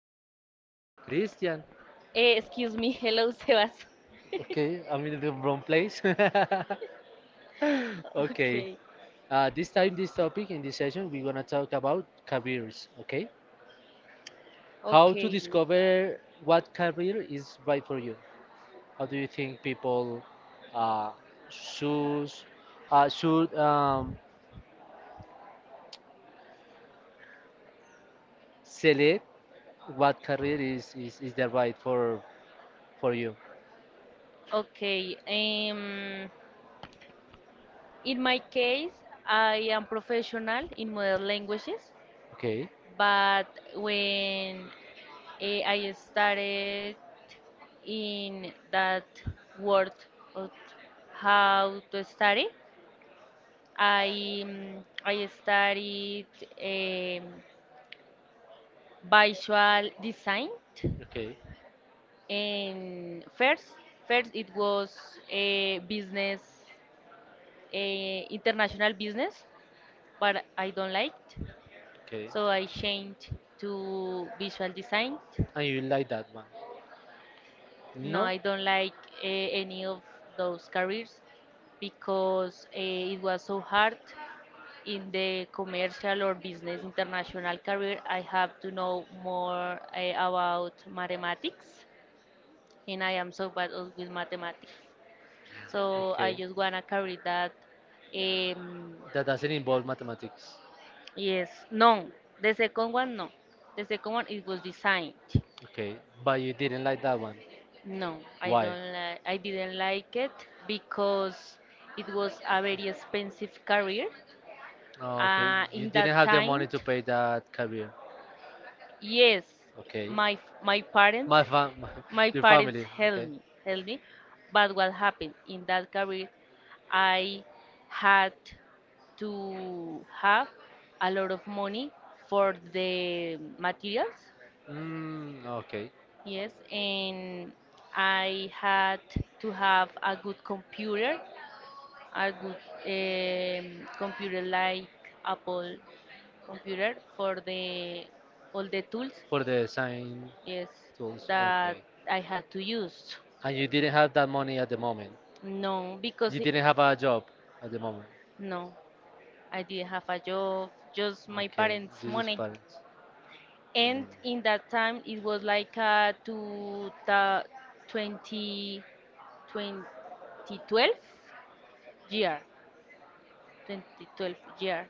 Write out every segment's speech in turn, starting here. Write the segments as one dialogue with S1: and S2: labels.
S1: you?
S2: Christian.
S1: Christian.
S2: Excuse me. Hello, Sebas.
S1: Okay, I'm in the wrong place. Okay.
S2: Okay.
S1: This time, this topic in this session, we're gonna talk about careers. Okay, how to
S2: Okay, good.
S1: discover what career is right for you. How do you think people uh, should should select what career is, the right for you?
S2: Okay. In my case, I am professional in modern languages,
S1: Okay,
S2: but when I started in that world of how to study, I studied um, visual design,
S1: okay,
S2: and first it was a business, a international business, but I don't like,
S1: okay.
S2: so I changed to visual design.
S1: And you like that one?
S2: No,
S1: No?
S2: I don't like any of those careers because it was so hard in the commercial or business international career, I have to know more about mathematics, and I am so bad with mathematics. So I
S1: Okay.
S2: just wanna carry that. Um,
S1: That doesn't involve mathematics.
S2: yes, no. The second one, no. The second one, it was designed.
S1: Okay. But you didn't like that one.
S2: No, I
S1: Why?
S2: don't like. I didn't like it because it was a very expensive career.
S1: Oh, okay. You
S2: In
S1: didn't
S2: that
S1: have the
S2: time,
S1: money to pay that career.
S2: yes,
S1: Okay.
S2: my parents,
S1: My fam,
S2: my
S1: your
S2: parents
S1: family.
S2: helped
S1: Okay.
S2: me, helped me. But what happened in that career, I had to have a lot of money for the materials.
S1: Mm, okay.
S2: Yes, and I had to have a good computer like Apple computer for the all the tools.
S1: For the sign
S2: Yes,
S1: tools.
S2: that
S1: Okay.
S2: I had to use.
S1: And you didn't have that money at the moment.
S2: No, because
S1: You didn't have a job at the moment.
S2: no, I didn't have a job, just my
S1: Okay.
S2: parents'
S1: This is
S2: money.
S1: parents.
S2: And
S1: Mm.
S2: in that time, it was like 202012 year, 2012 year,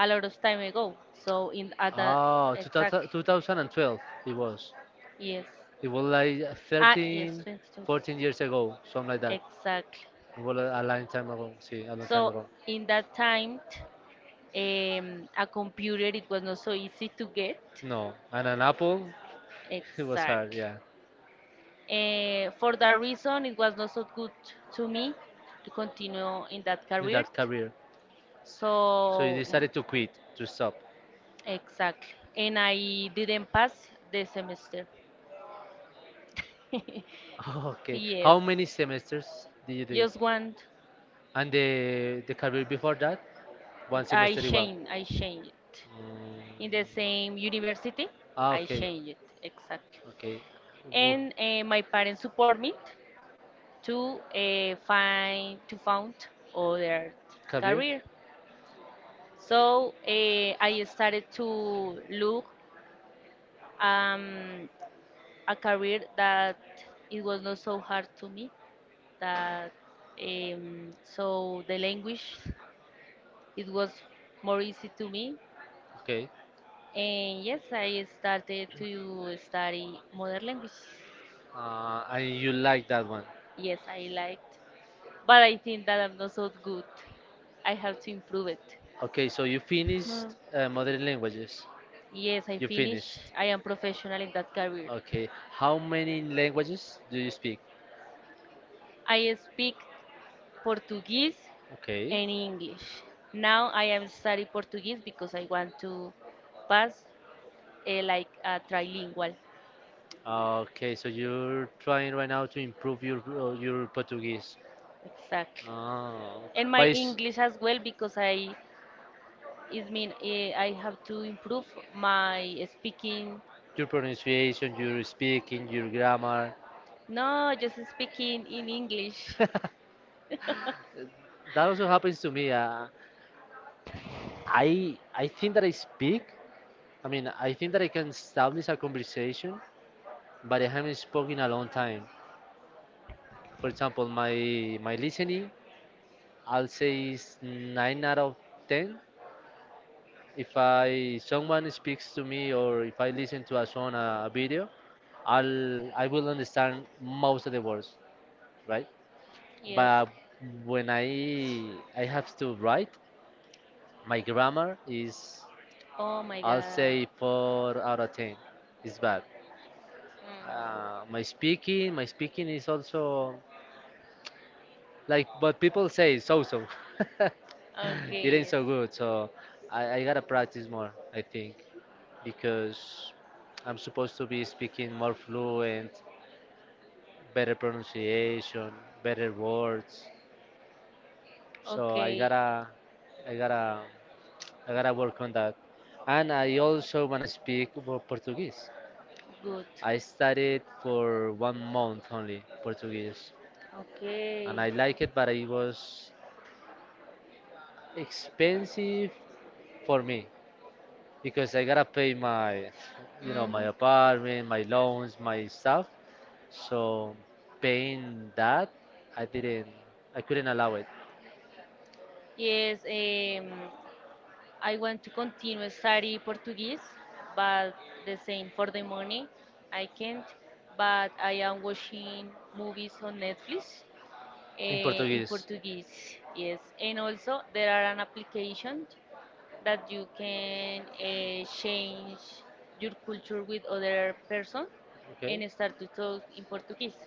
S2: a lot of time ago. So in at the
S1: Oh,
S2: exactly,
S1: 2012 it was.
S2: yes,
S1: It was like
S2: yes,
S1: 13,
S2: 2012,
S1: 14 years ago, something like that.
S2: exactly.
S1: It was a long time ago. See, a long time
S2: So
S1: ago.
S2: in that time. A computer, it was not so easy to get.
S1: No, and an apple, it was hard,
S2: Exactly.
S1: yeah,
S2: For that reason, it was not so good to me to continue in that
S1: in
S2: career.
S1: that career. So you
S2: So,
S1: decided to quit, to stop.
S2: exactly. And I didn't pass the semester.
S1: Okay.
S2: Yes.
S1: How many semesters did you do it?
S2: Just one.
S1: And the career before that, one
S2: I
S1: semester as well.
S2: changed. I changed it. In the
S1: Mm.
S2: same university,
S1: Ah,
S2: I
S1: okay,
S2: changed it. Exactly.
S1: okay. Wo-
S2: And my parents support me to find to found other
S1: Career,
S2: career. So I started to look um, a career that it was not so hard to me. That so the language it was more easy to me.
S1: okay.
S2: And yes, I started to study modern language.
S1: And you like that one?
S2: Yes, I liked, but I think that I'm not so good. I have to improve it.
S1: Okay, so you finished
S2: Hmm.
S1: mother languages.
S2: Yes, I
S1: You
S2: finish.
S1: finished.
S2: I am professional in that career.
S1: Okay, how many languages do you speak?
S2: I speak Portuguese
S1: Okay.
S2: and English. Now I am study Portuguese because I want to pass like a trilingual.
S1: Okay, so you're trying right now to improve your Portuguese.
S2: Exactly.
S1: Oh,
S2: And my
S1: but s-
S2: English as well because I it mean I have to improve my speaking.
S1: your pronunciation, your speaking, your grammar.
S2: No, just speaking in English.
S1: That also happens to me. I think that I speak. I mean, I think that I can establish a conversation, but I haven't spoken in a long time. For example, my listening, I'll say is 9 out of 10. If I someone speaks to me or if I listen to a song, a video, I will understand most of the words, right?
S2: Yes.
S1: But when I have to write, my grammar is,
S2: Oh my
S1: I'll say,
S2: God.
S1: 4 out of 10. It's bad. My speaking is
S2: Mm.
S1: also like, but people say so so. It
S2: Okay,
S1: ain't
S2: yes.
S1: so good. So I gotta practice more, I think, because I'm supposed to be speaking more fluent, better pronunciation, better words. So
S2: Okay,
S1: I gotta, I gotta work on that. And I also wanna speak more Portuguese.
S2: good.
S1: I studied for 1 month only Portuguese, and
S2: Okay.
S1: I like it, but it was expensive for me, because I gotta pay my, my
S2: Mhm.
S1: apartment, my loans, my stuff. So paying that, I didn't, I couldn't allow it
S2: Yes, I want to continue study Portuguese, but the same for the money, I can't. But I am watching movies on Netflix,
S1: in
S2: in
S1: Portuguese.
S2: Portuguese. Yes, and also there are an application that you can change your culture with other person
S1: Okay,
S2: and start to talk in Portuguese,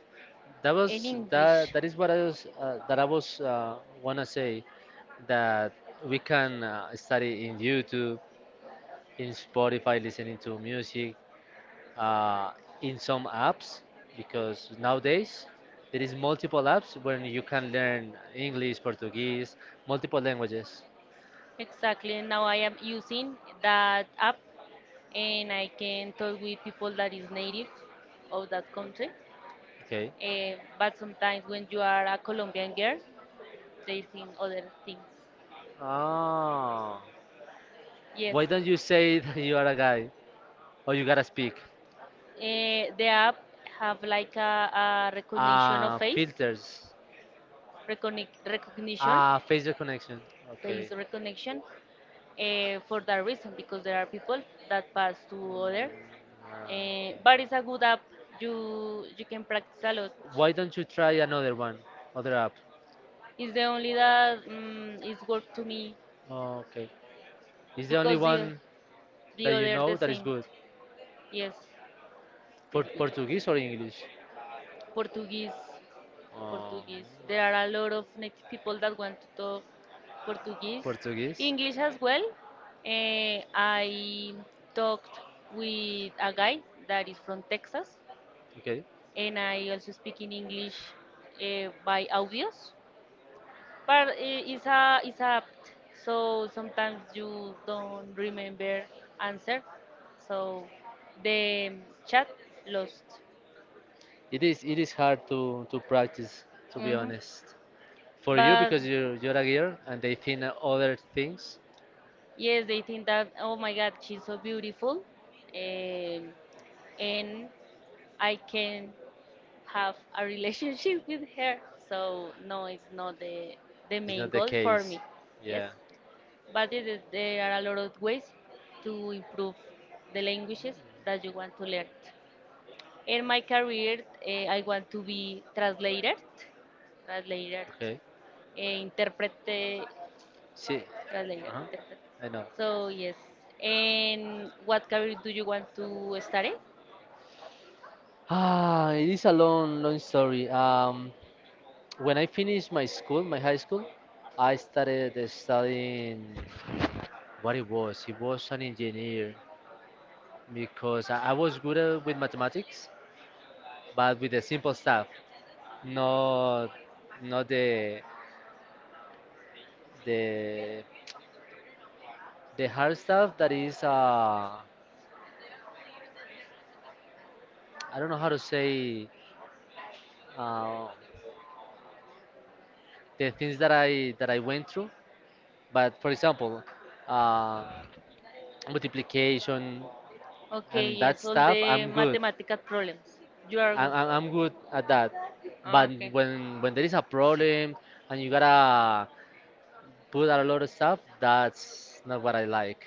S1: that
S2: in
S1: was that.
S2: English.
S1: That is what I was that I was wanna say that we can study in YouTube, in Spotify, listening to music, uh, in some apps because nowadays there is multiple apps when you can learn English, Portuguese, multiple languages.
S2: Exactly, and now I am using that app and I can talk with people that is native of that country.
S1: Okay.
S2: But sometimes when you are a Colombian girl, they think other things.
S1: Ah,
S2: Yes.
S1: why don't you say that you are a guy or you gotta speak?
S2: The app have like a recognition of
S1: Ah,
S2: face,
S1: filters.
S2: recognition,
S1: Ah, facial connection. Okay.
S2: face recognition, for that reason because there are people that pass to
S1: Mm,
S2: other.
S1: okay.
S2: But it's a good app. You can practice a lot.
S1: Why don't you try another one, other app?
S2: It's the only that is work to me
S1: Okay. Is the only
S2: because the
S1: one
S2: the
S1: that you
S2: other the
S1: know that is
S2: same.
S1: good
S2: Yes, it's
S1: for Portuguese or
S2: good.
S1: English?
S2: Portuguese.
S1: Uh,
S2: Portuguese. There are a lot of native people that want to talk Portuguese,
S1: Portuguese.
S2: English as well. I talked with a guy that is from Texas,
S1: Okay.
S2: and I also speak in English by audios. But it's a apt, so sometimes you don't remember answer, so the chat lost.
S1: It is hard to practice, to be
S2: Mhm.
S1: honest. For you,
S2: But
S1: because you're a girl and they think that other things,
S2: yes, they think that, oh my God, she's so beautiful, um, and I can have a relationship with her. So no, it's not the
S1: is not
S2: main
S1: the
S2: goal for
S1: case.
S2: me. Yes,
S1: Yeah.
S2: but it is, there are a lot of ways to improve the languages that you want to learn. In my career, I want to be translator, translator,
S1: Okay.
S2: interprete
S1: See.
S2: Tras la
S1: Uh-huh.
S2: perfect.
S1: I know.
S2: So yes, and what career do you want to study?
S1: Ah, it is a long, long story. When I finished my school, my high school, I started studying what it was. He was an engineer because I was good at, with mathematics, but with the simple stuff, not not the the hard stuff that is, I don't know how to say, uh, the things that I went through. But for example, uh, multiplication
S2: Okay,
S1: and that
S2: yes, all
S1: stuff,
S2: the
S1: I'm good.
S2: mathematical problems. You are
S1: I'm,
S2: good.
S1: I'm I'm good at that. But
S2: Okay.
S1: when there is a problem and you gotta put a lot of stuff, that's not what I like.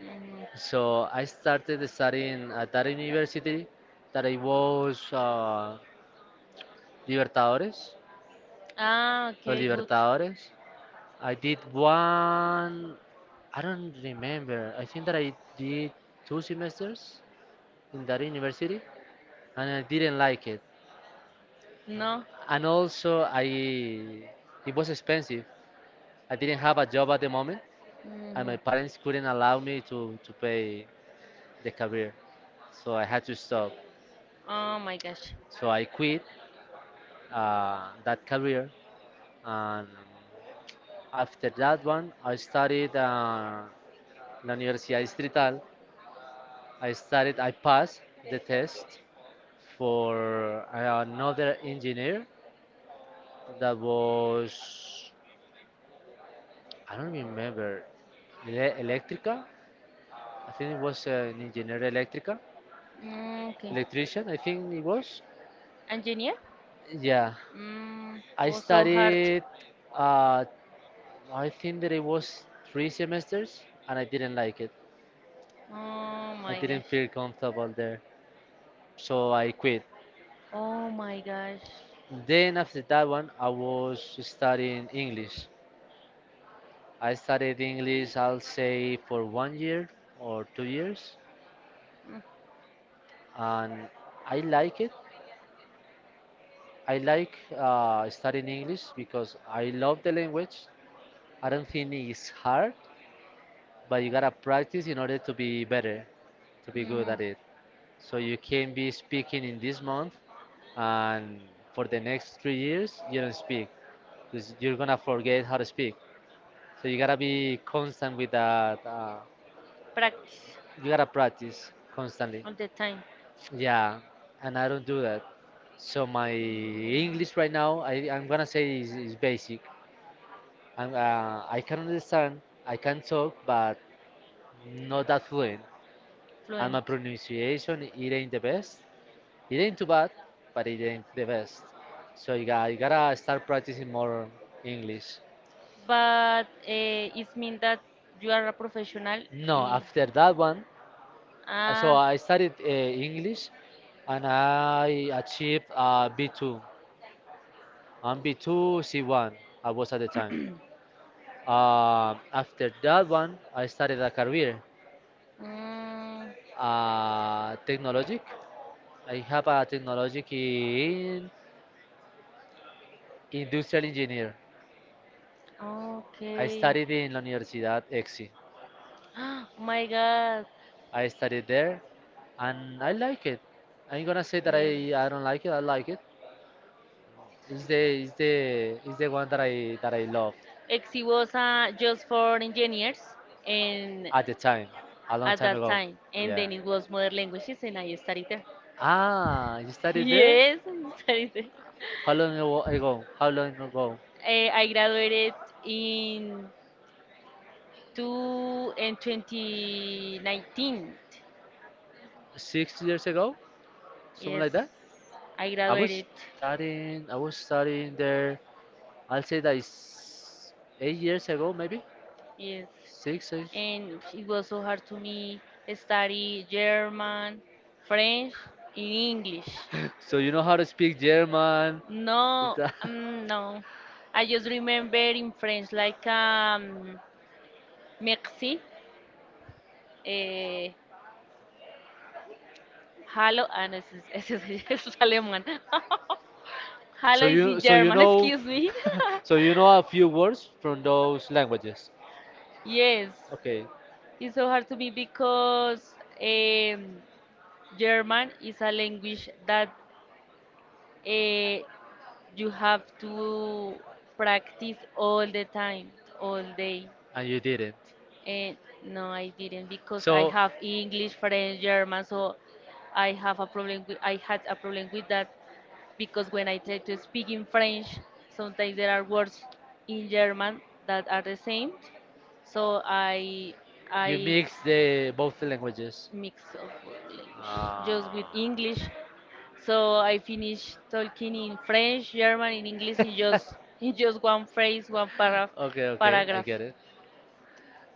S2: Mm.
S1: So I started studying at that university that I was, Libertadores,
S2: Ah,
S1: the
S2: okay, good.
S1: Libertadores. I did one, I don't remember, I think that I did two semesters in that university and I didn't like it.
S2: No.
S1: And also, it was expensive. I didn't have a job at the moment and my
S2: Hmm.
S1: parents couldn't allow me to pay the career. So I had to stop.
S2: Oh my gosh.
S1: So I quit that career, and after that one, I studied La Universidad Distrital. I studied. I passed the test for another engineer that was, I don't remember, electrica. I think it was an engineer electrica,
S2: Mm, okay.
S1: electrician. I think it was.
S2: Engineer?
S1: Yeah,
S2: Mm,
S1: I
S2: oh, so hard.
S1: studied uh, I think that it was three semesters and I didn't like it.
S2: Oh
S1: I
S2: my
S1: didn't
S2: gosh.
S1: feel comfortable there. So I quit.
S2: Oh my gosh.
S1: Then after that one, I was studying English. I studied English, I'll say, for 1 year or 2 years.
S2: Mm,
S1: And I like it. I like studying English because I love the language. I don't think it's hard, but you gotta practice in order to be better, to be good
S2: mm,
S1: at it. So you can be speaking in this month, and for the next 3 years, you don't speak because you're gonna forget how to speak. So you gotta be constant with that. Uh,
S2: practice
S1: you gotta practice constantly.
S2: all the time.
S1: Yeah, and I don't do that. So my
S2: Mm,
S1: English right now, I'm gonna say is basic. I can understand, I can talk, but not that fluent. And my
S2: fluent.
S1: pronunciation, it ain't the best. It ain't too bad, but it ain't the best. So you gotta start practicing more English.
S2: But it means that you are a professional.
S1: No, after that one, so
S2: Ah.
S1: I studied English and I achieved B2. I'm B2, C1, I was at the time. After that one, I started a career,
S2: Mm,
S1: technologic. I have a technologic in industrial engineer. I
S2: okay.
S1: studied in la Universidad EXI.
S2: My God.
S1: I studied there, and I like it. I'm gonna say that
S2: Yes.
S1: I don't like it. I like it. It's the one that I love
S2: Exi was just for engineers and
S1: at the time, a long
S2: at
S1: time
S2: that
S1: ago.
S2: time. And
S1: Yeah.
S2: then it was modern languages and I studied there.
S1: Ah, you studied there?
S2: Yes, I studied there.
S1: How long ago? How long ago?
S2: I graduated in two and 2019.
S1: 6 years ago, something like
S2: Yes,
S1: that.
S2: I
S1: I was
S2: graduated.
S1: I was studying there. I'll say that it's 8 years ago, maybe
S2: Yes.
S1: six. Eight.
S2: And it was so hard to me study German, French, and English.
S1: So you know how to speak German. It's
S2: No,
S1: a-
S2: no. I just remember in French like merci, eh, hello, and eso es, eso es alemán. Hello is in
S1: So you
S2: German,
S1: know
S2: excuse me.
S1: a few words from those languages.
S2: Yes,
S1: Okay,
S2: it's so hard to me because um, German is a language that uh, you have to practice all the time, all day.
S1: and you didn't.
S2: And no, I didn't because I
S1: So
S2: have English, French, German, so I had a problem with that because when I try to speak in French, sometimes there are words in German that are the same. So I
S1: you
S2: I
S1: mix the both languages.
S2: mix of language just with
S1: Ah.
S2: English so I finished talking in French, German, in English in just in just one phrase, one paragraph.
S1: Okay, okay, I
S2: Paragraph.
S1: get it.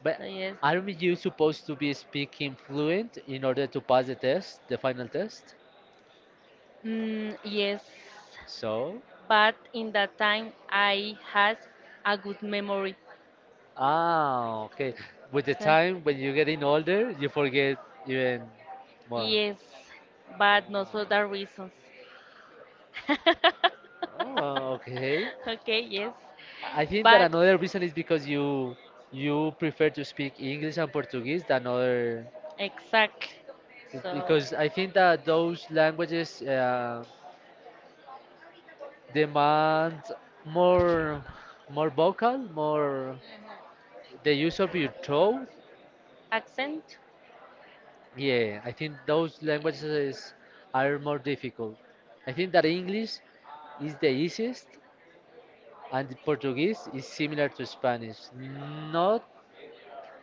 S1: But
S2: So yes.
S1: aren't you supposed to be speaking fluent in order to pass the test, the final test?
S2: Mm, yes.
S1: So,
S2: But in that time, I had a good memory.
S1: okay. With the
S2: So-
S1: time, when you're getting older, you forget even more.
S2: Yes, but not for that reasons.
S1: Ah, oh, okay.
S2: Okay. Yes,
S1: I think that
S2: but.
S1: another reason is because you prefer to speak English and Portuguese than other,
S2: Exact. So
S1: because I think that those languages demand more more vocal, more the use of your throat.
S2: accent.
S1: Yeah, I think those languages are more difficult. I think that English is the easiest and the Portuguese is similar to Spanish. Not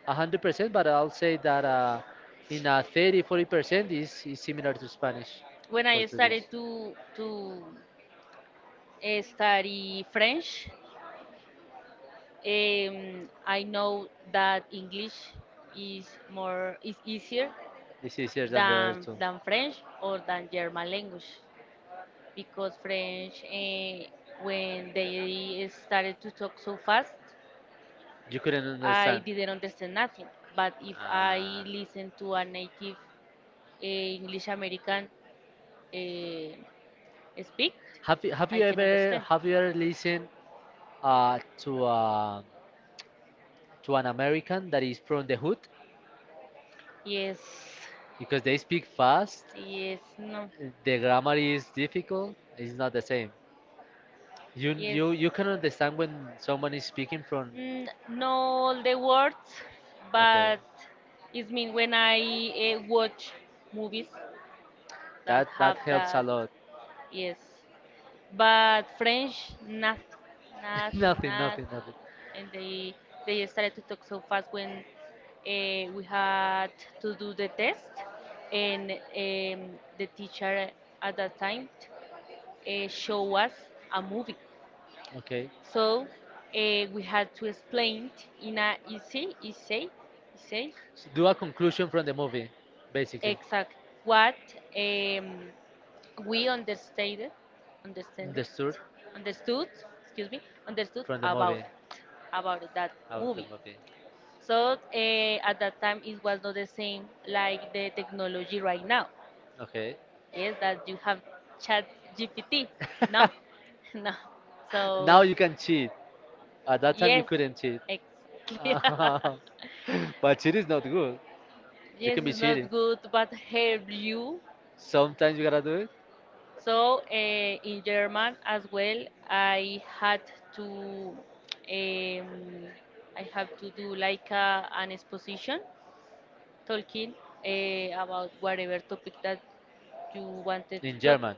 S1: 100%, but I'll say that, in a 30 40% is similar to Spanish.
S2: When I
S1: Portuguese.
S2: started to study French, I know that English is more is easier
S1: It's easier than the other
S2: than
S1: two.
S2: than French or than German language because French when they started to talk so fast
S1: You couldn't understand.
S2: I didn't understand nothing but if I
S1: Ah.
S2: listen to a native English American eh, speak, I can understand.
S1: Have you ever listened, uh, to uh, to an American that is from the hood,
S2: Yes,
S1: because they speak fast,
S2: yes, no,
S1: the grammar is difficult. It's not the same.
S2: yes.
S1: You can understand when someone is speaking from.
S2: Mm, no all the words,
S1: Okay,
S2: but it's mean when I watch movies
S1: that
S2: that
S1: that
S2: have
S1: helps a
S2: that.
S1: lot.
S2: Yes, but French, nothing, nothing,
S1: Nothing, nothing,
S2: nothing.
S1: nothing.
S2: And they started to talk so fast when we had to do the test, and the teacher at that time show us a movie.
S1: Okay,
S2: So we had to explain in a easy, easy, easy.
S1: so do a conclusion from the movie, basically.
S2: Exact. What um, we understated, understanded,
S1: Understood
S2: understood, excuse me, understood
S1: from the movie,
S2: it, about that
S1: out of the
S2: movie.
S1: movie.
S2: So at that time, it was not the same like the technology right now.
S1: Okay,
S2: Yes, that you have Chat GPT. No, no.
S1: now
S2: So
S1: you can cheat. At that time, you
S2: yes,
S1: couldn't cheat.
S2: exactly.
S1: But cheat is not good. You
S2: Yes,
S1: can be
S2: it's not
S1: cheating.
S2: good, but help you.
S1: Sometimes you gotta do it
S2: So in German as well, to um, I have to do like an exposition, talking about whatever topic that you wanted to
S1: in
S2: talk
S1: German,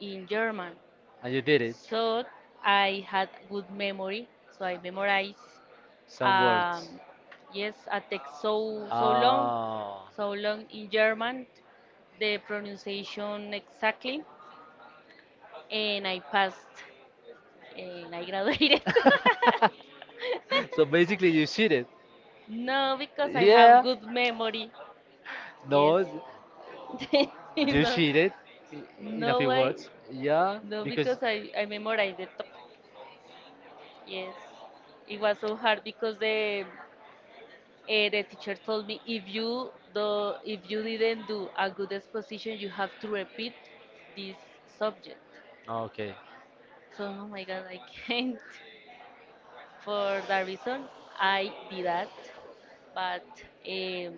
S2: in German.
S1: and you did it.
S2: So I had good memory, so I memorized.
S1: Some
S2: Um,
S1: words.
S2: yes, a text so long,
S1: Oh,
S2: so long in German, the pronunciation exactly and I passed and I graduated.
S1: so basically, you cheated.
S2: No, because I have
S1: Yeah.
S2: good memory. Yes.
S1: No, you
S2: No,
S1: cheated. i- In a
S2: no,
S1: few words. Yeah,
S2: no, because
S1: because
S2: I memorized the top. Yes. It was so hard because the teacher told me if if you didn't do a good exposition, you have to repeat this subject.
S1: okay,
S2: So, oh my God, I can't. For that reason, I did that, but um,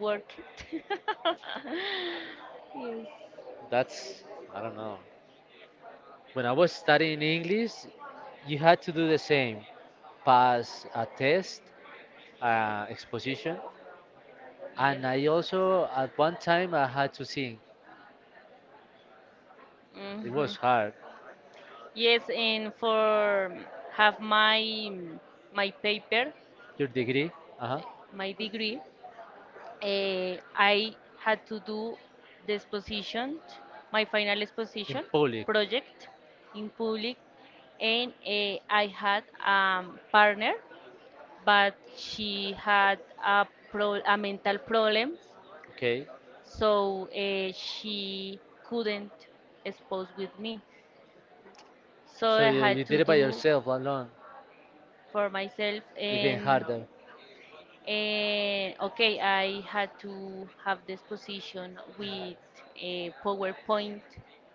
S2: work it.
S1: that's I don't know. When I was studying English, you had to do the same: pass a test, exposition.
S2: Yes.
S1: And I
S2: Yes.
S1: also, at one time, I had to sing. It
S2: Hmm.
S1: was hard.
S2: Yes, and for have my paper,
S1: Your degree? Uh-huh.
S2: my degree, I had to do the exposition, my final
S1: In
S2: exposition
S1: public.
S2: project in public, and I had a partner, but she had a mental problem
S1: Okay.
S2: so she couldn't expose with me so
S1: So
S2: I
S1: you
S2: had
S1: did
S2: to
S1: it by
S2: do
S1: yourself alone,
S2: for myself.
S1: even
S2: and
S1: harder.
S2: and okay, I had to have this position with a PowerPoint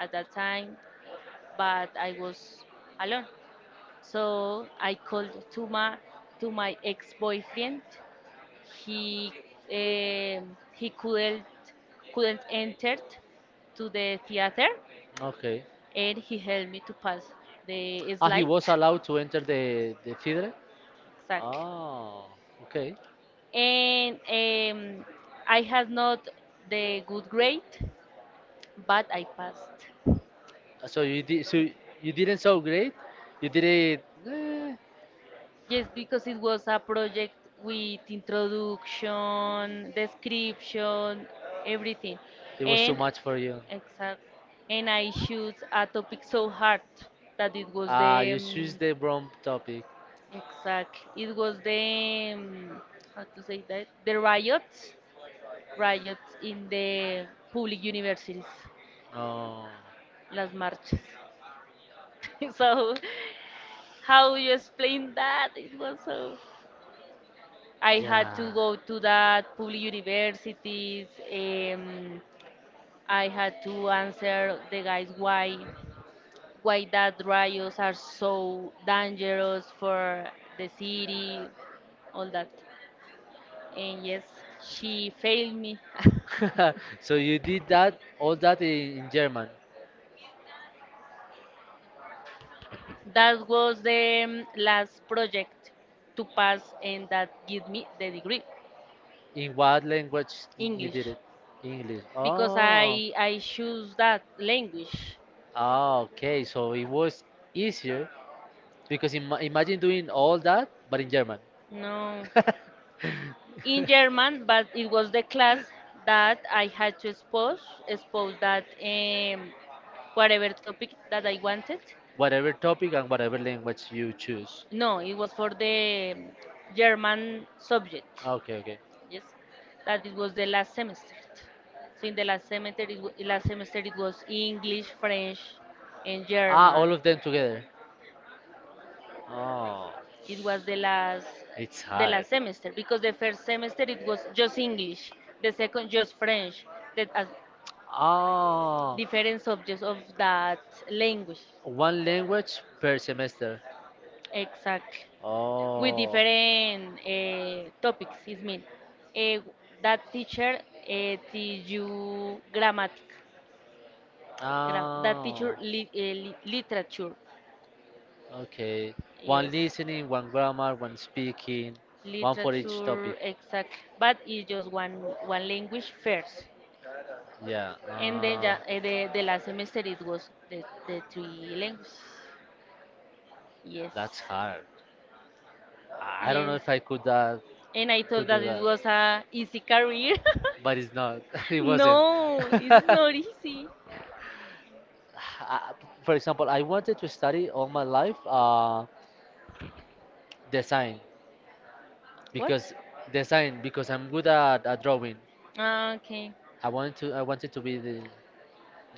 S2: at that time, but I was alone, so I called to my ex-boyfriend. He um, he couldn't enter to the theater
S1: Okay.
S2: and he helped me to pass the
S1: Ah, he
S2: slide.
S1: was allowed to enter the theater?
S2: Exactly.
S1: Oh, okay.
S2: And I had not the good grade, but I passed.
S1: Ah, so you did, so you didn't so great. You did it. Eh,
S2: Yes, because it was a project with introduction, description, everything.
S1: it was too
S2: And
S1: much for you.
S2: exact. And I choose a topic so hard that it was the
S1: You choose the wrong topic.
S2: exact. It was the how to say that the riots in the public universities,
S1: Oh,
S2: las marchas. So, how you explain that? It was so. I had to
S1: yeah.
S2: go to that public universities. Um, I had to answer the guys why that riots are so dangerous for the city, all that. And yes, she failed me.
S1: So you did that all that in German.
S2: That was the last project to pass and that give me the degree.
S1: In what language you did
S2: English,
S1: it? English.
S2: because
S1: Oh.
S2: I choose that language.
S1: Ah, okay. So it was easier because im imagine doing all that, but in German,
S2: No, in German, but it was the class that I had to expose that whatever topic that I wanted.
S1: whatever topic and whatever language you choose.
S2: No, it was for the German subject.
S1: Okay, okay.
S2: Yes, that it was the last semester. So in the last semester, last semester it was English, French, and
S1: Ah, all
S2: German.
S1: of them together. Oh,
S2: It was
S1: it's
S2: the
S1: hard.
S2: last semester because the first semester it was just English, the second just French, the
S1: Oh,
S2: different subjects of that language.
S1: one language per semester.
S2: Exactly. With
S1: Oh,
S2: different topics, is mean. Uh, that teacher teach you grammar. Gra- that teacher
S1: ah,
S2: li- eh, li- Literature.
S1: okay. One
S2: Yes.
S1: listening, one grammar, one speaking, one for each topic.
S2: Literature, exactly. But it's just one language first,
S1: Yeah.
S2: and then
S1: Uh,
S2: ja, the last semester it was the three languages. Yes.
S1: that's hard. I don't know
S2: Yes.
S1: if I could that
S2: And I thought
S1: could
S2: that
S1: do
S2: it
S1: that
S2: was a easy career.
S1: But it's not. It wasn't.
S2: No, it's not easy.
S1: I- For example, I wanted to study all my life design
S2: What?
S1: because design because I'm good at drawing.
S2: Ah, okay.
S1: I wanted to be the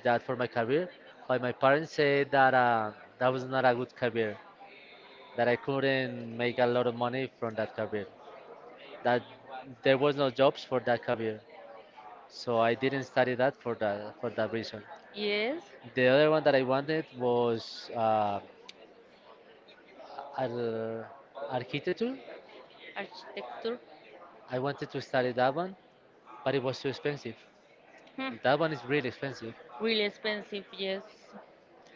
S1: that for my career, but my parents said that that was not a good career, that I couldn't make a lot of money from that career, that there was no jobs for that career, so I didn't study that for that reason.
S2: Yes.
S1: The other one that I wanted was ar- architecture.
S2: Architecture.
S1: I wanted to study that one, but it was too expensive.
S2: Hmm.
S1: That one is really expensive.
S2: Really expensive, yes.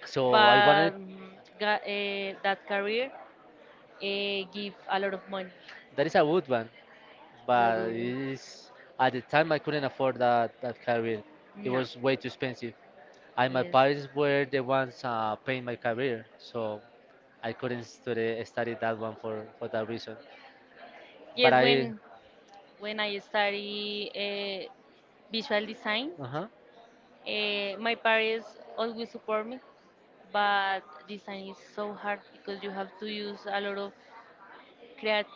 S1: So I wanted
S2: But that career give a lot of money.
S1: that is a good one,
S2: It's a
S1: but
S2: good one.
S1: it's, at the time I couldn't afford that career. It
S2: No.
S1: was way too expensive. And my
S2: Yes.
S1: parents were the ones paying my career, so I couldn't study that one for that reason. But
S2: Yes,
S1: I,
S2: when I study visual design,
S1: uh-huh,
S2: my parents always support me, but design is so hard because you have to use a lot of creat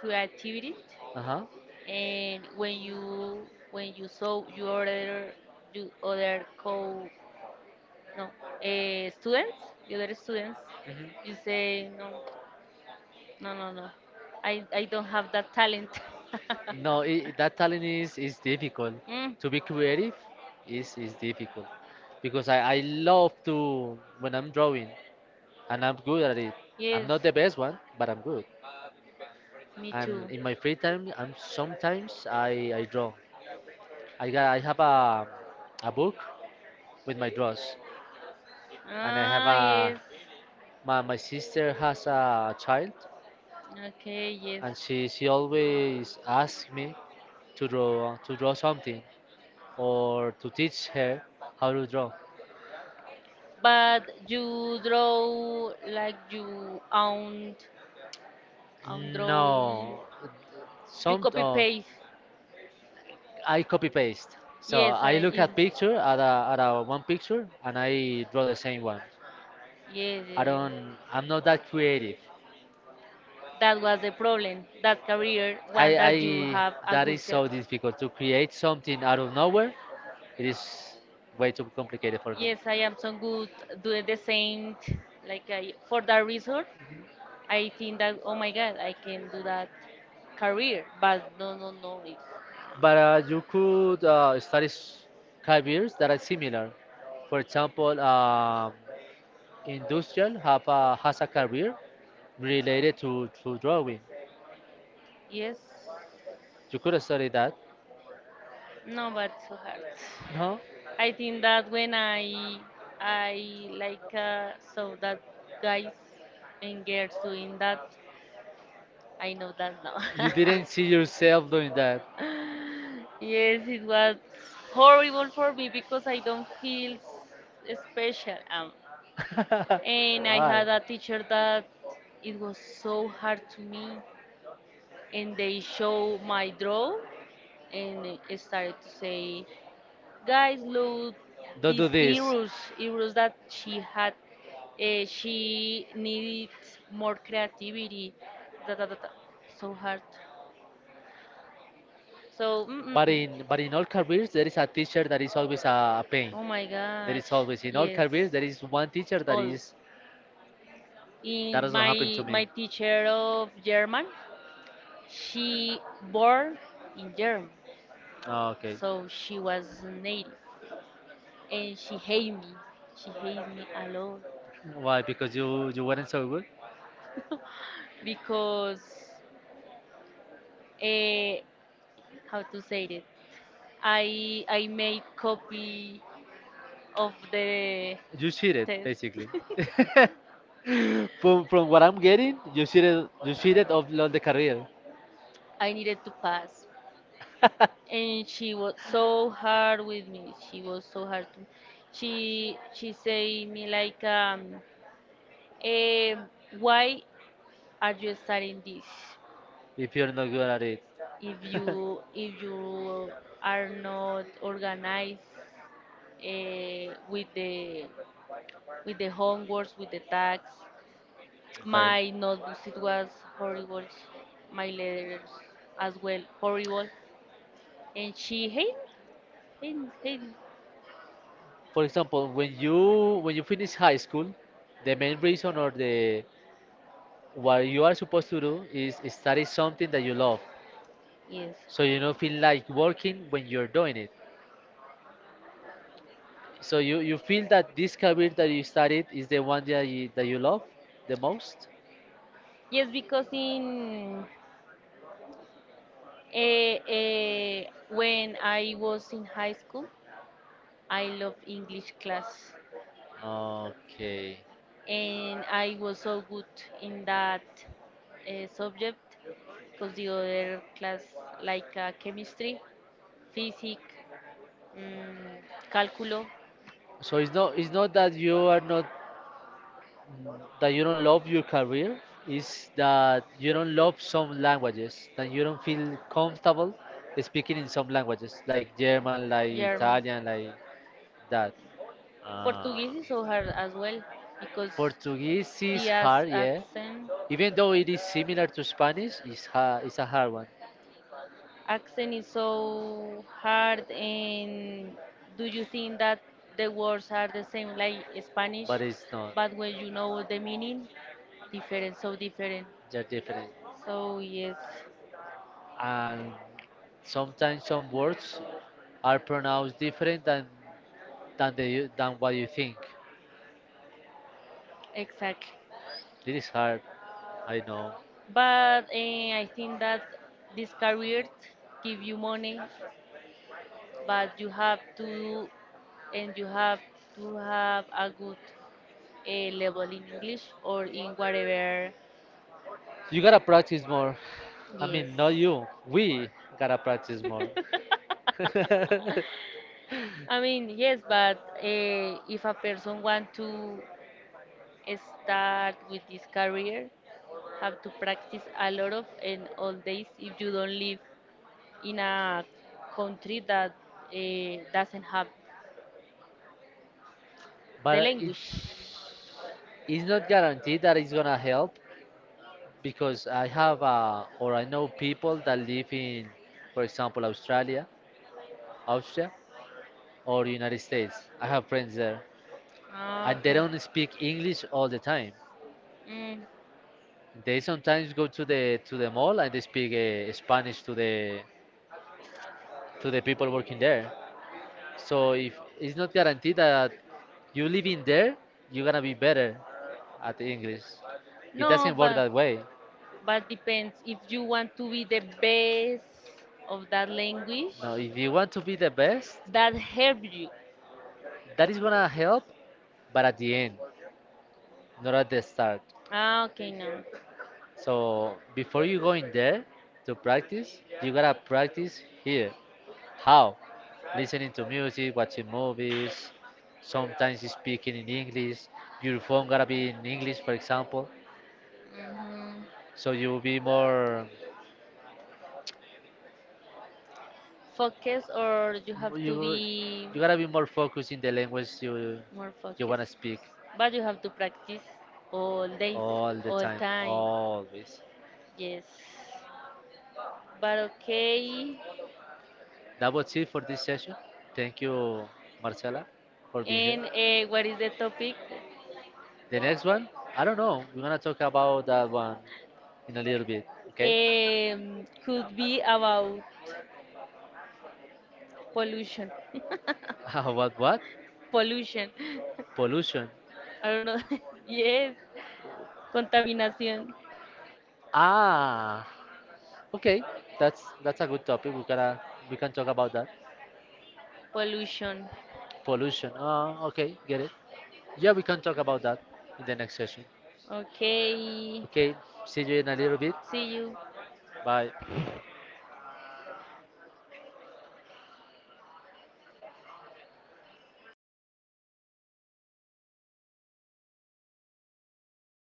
S2: creativity,
S1: uh-huh,
S2: and when you saw your other you other co no students the other students,
S1: mhm.
S2: you say no, I, don't have that talent.
S1: No, I that talent is difficult.
S2: Mm,
S1: To be creative is difficult because I love to when I'm drawing and I'm good at it. I'm
S2: yes,
S1: not the best one, but I'm good.
S2: me
S1: And
S2: too.
S1: in my free time I'm sometimes I draw. I have a book with my draws, and I have
S2: Ah,
S1: a
S2: yes,
S1: my sister has a child,
S2: okay, yes.
S1: and she always asks me to draw something or to teach her how to draw.
S2: But you draw like you own own drawing.
S1: No,
S2: You
S1: some
S2: copy paste.
S1: I copy paste, so
S2: Yes, I
S1: I
S2: is.
S1: look
S2: Yes,
S1: at picture at a one picture and I draw the same one.
S2: yes, yes.
S1: I'm not that creative.
S2: That was the problem. That career, one
S1: I
S2: that you have a
S1: that
S2: good
S1: is
S2: career.
S1: so difficult to create something out of nowhere. It is way too complicated for me.
S2: Yes, I am so good doing the same. Like I, for that reason, I think that oh my God, I can do that career. But no, no, no. It's,
S1: But you could study careers that are similar. For example, industrial has a career related to drawing.
S2: yes,
S1: You could study that.
S2: no, but so hard.
S1: No,
S2: I think that when I like saw that guys and girls doing that, I know that now.
S1: you didn't see yourself doing that.
S2: Yes, it was horrible for me because I don't feel special. And I
S1: Why?
S2: had a teacher that it was so hard to me, and they show my draw, and it started to say, "Guys, look,
S1: Don't do
S2: these
S1: this.
S2: heroes, that she had, she needed more creativity." Da, da, da, da. So hard. So mm, mm,
S1: But
S2: mm.
S1: in but in all careers, there is a teacher that is always a pain.
S2: Oh my
S1: There
S2: gosh,
S1: is always in all
S2: yes.
S1: careers there is one teacher that
S2: All.
S1: is that
S2: In
S1: doesn't happen to
S2: my
S1: me.
S2: teacher of German, she born in Germany,
S1: Oh, okay,
S2: so she was native, and she hate me. She hates me a lot
S1: why? Because you weren't so good.
S2: because, eh, how to say it? I made copy of the
S1: You cheated
S2: test.
S1: basically. From what I'm getting, you cheated of all the career.
S2: I needed to pass, and she was so hard with me. She was so hard. She say me like, eh, why are you studying this?
S1: If you're not good at it.
S2: If you are not organized eh, with the with the homeworks, with the tags,
S1: Okay.
S2: my notebooks it was horrible. My letters as well horrible, and she hate hate me.
S1: For example, when you finish high school, the main reason or the what you are supposed to do is study something that you love,
S2: Yes.
S1: so you don't feel like working when you're doing it. So you feel that this career that you studied is the one that you love the most?
S2: Yes, because in uh, uh, when I was in high school, I loved English class,
S1: Okay.
S2: and I was so good in that subject, because the other class like chemistry, physics, um, cálculo.
S1: So it's not that you are not that you don't love your career. It's that you don't love some languages, that you don't feel comfortable speaking in some languages, like German, like
S2: German.
S1: Italian, like that. Ah.
S2: Portuguese is so hard as well because
S1: Portuguese is
S2: the
S1: hard, yeah.
S2: accent,
S1: Even though it is similar to Spanish, it's hard, it's a hard one,
S2: is so hard. And do you think that the words are the same like Spanish,
S1: but it's not.
S2: but when you know the meaning, different, so different.
S1: They're different.
S2: So yes,
S1: And sometimes some words are pronounced different than the than what you think.
S2: exactly.
S1: It is hard, I know.
S2: But I think that this career give you money, but you have to and you have to have a good level in English or in whatever.
S1: You gotta practice more. I
S2: Yes.
S1: mean, not you. We gotta practice more.
S2: I mean, yes, but if a person want to start with this career, have to practice a lot of and all days if you don't live in a country that doesn't have the
S1: But it
S2: language.
S1: is not guaranteed that it's gonna help because I have or I know people that live in, for example, Australia, Austria, or United States. I have friends there,
S2: Ah,
S1: and they
S2: okay.
S1: don't speak English all the time.
S2: Mm.
S1: They sometimes go to the mall and they speak Spanish to the people working there. So if it's not guaranteed that you live in there, you're gonna be better at the English. It
S2: No,
S1: doesn't work that way.
S2: but depends if you want to be the best of that language,
S1: No, if you want to be the best,
S2: that help you.
S1: that is gonna help, but at the end, not at the start.
S2: Ah, okay, no.
S1: So before you go in there to practice, you gotta practice here. How? Listening to music, watching movies, sometimes speaking in English. Your phone gotta be in English, for example.
S2: Hmm.
S1: So you'll be more
S2: Focus, or you have to
S1: you
S2: be
S1: you gotta be more focused in the language
S2: more
S1: you wanna
S2: focused.
S1: speak
S2: But you have to practice all days,
S1: all the
S2: all
S1: time,
S2: time.
S1: always.
S2: Yes. But okay.
S1: That was it for this session. Thank you, Marcela, for being here.
S2: And what is the topic?
S1: The next one, I don't know. We're gonna talk about that one in a little bit, okay?
S2: Could be about pollution.
S1: What what?
S2: Pollution.
S1: Pollution.
S2: I don't know. Yes. Contaminación.
S1: Ah, okay, that's a good topic. We can talk about that.
S2: Pollution.
S1: Pollution. Okay, get it. Yeah, we can talk about that in the next session.
S2: Okay.
S1: Okay, see you in a little bit.
S2: See you.
S1: Bye.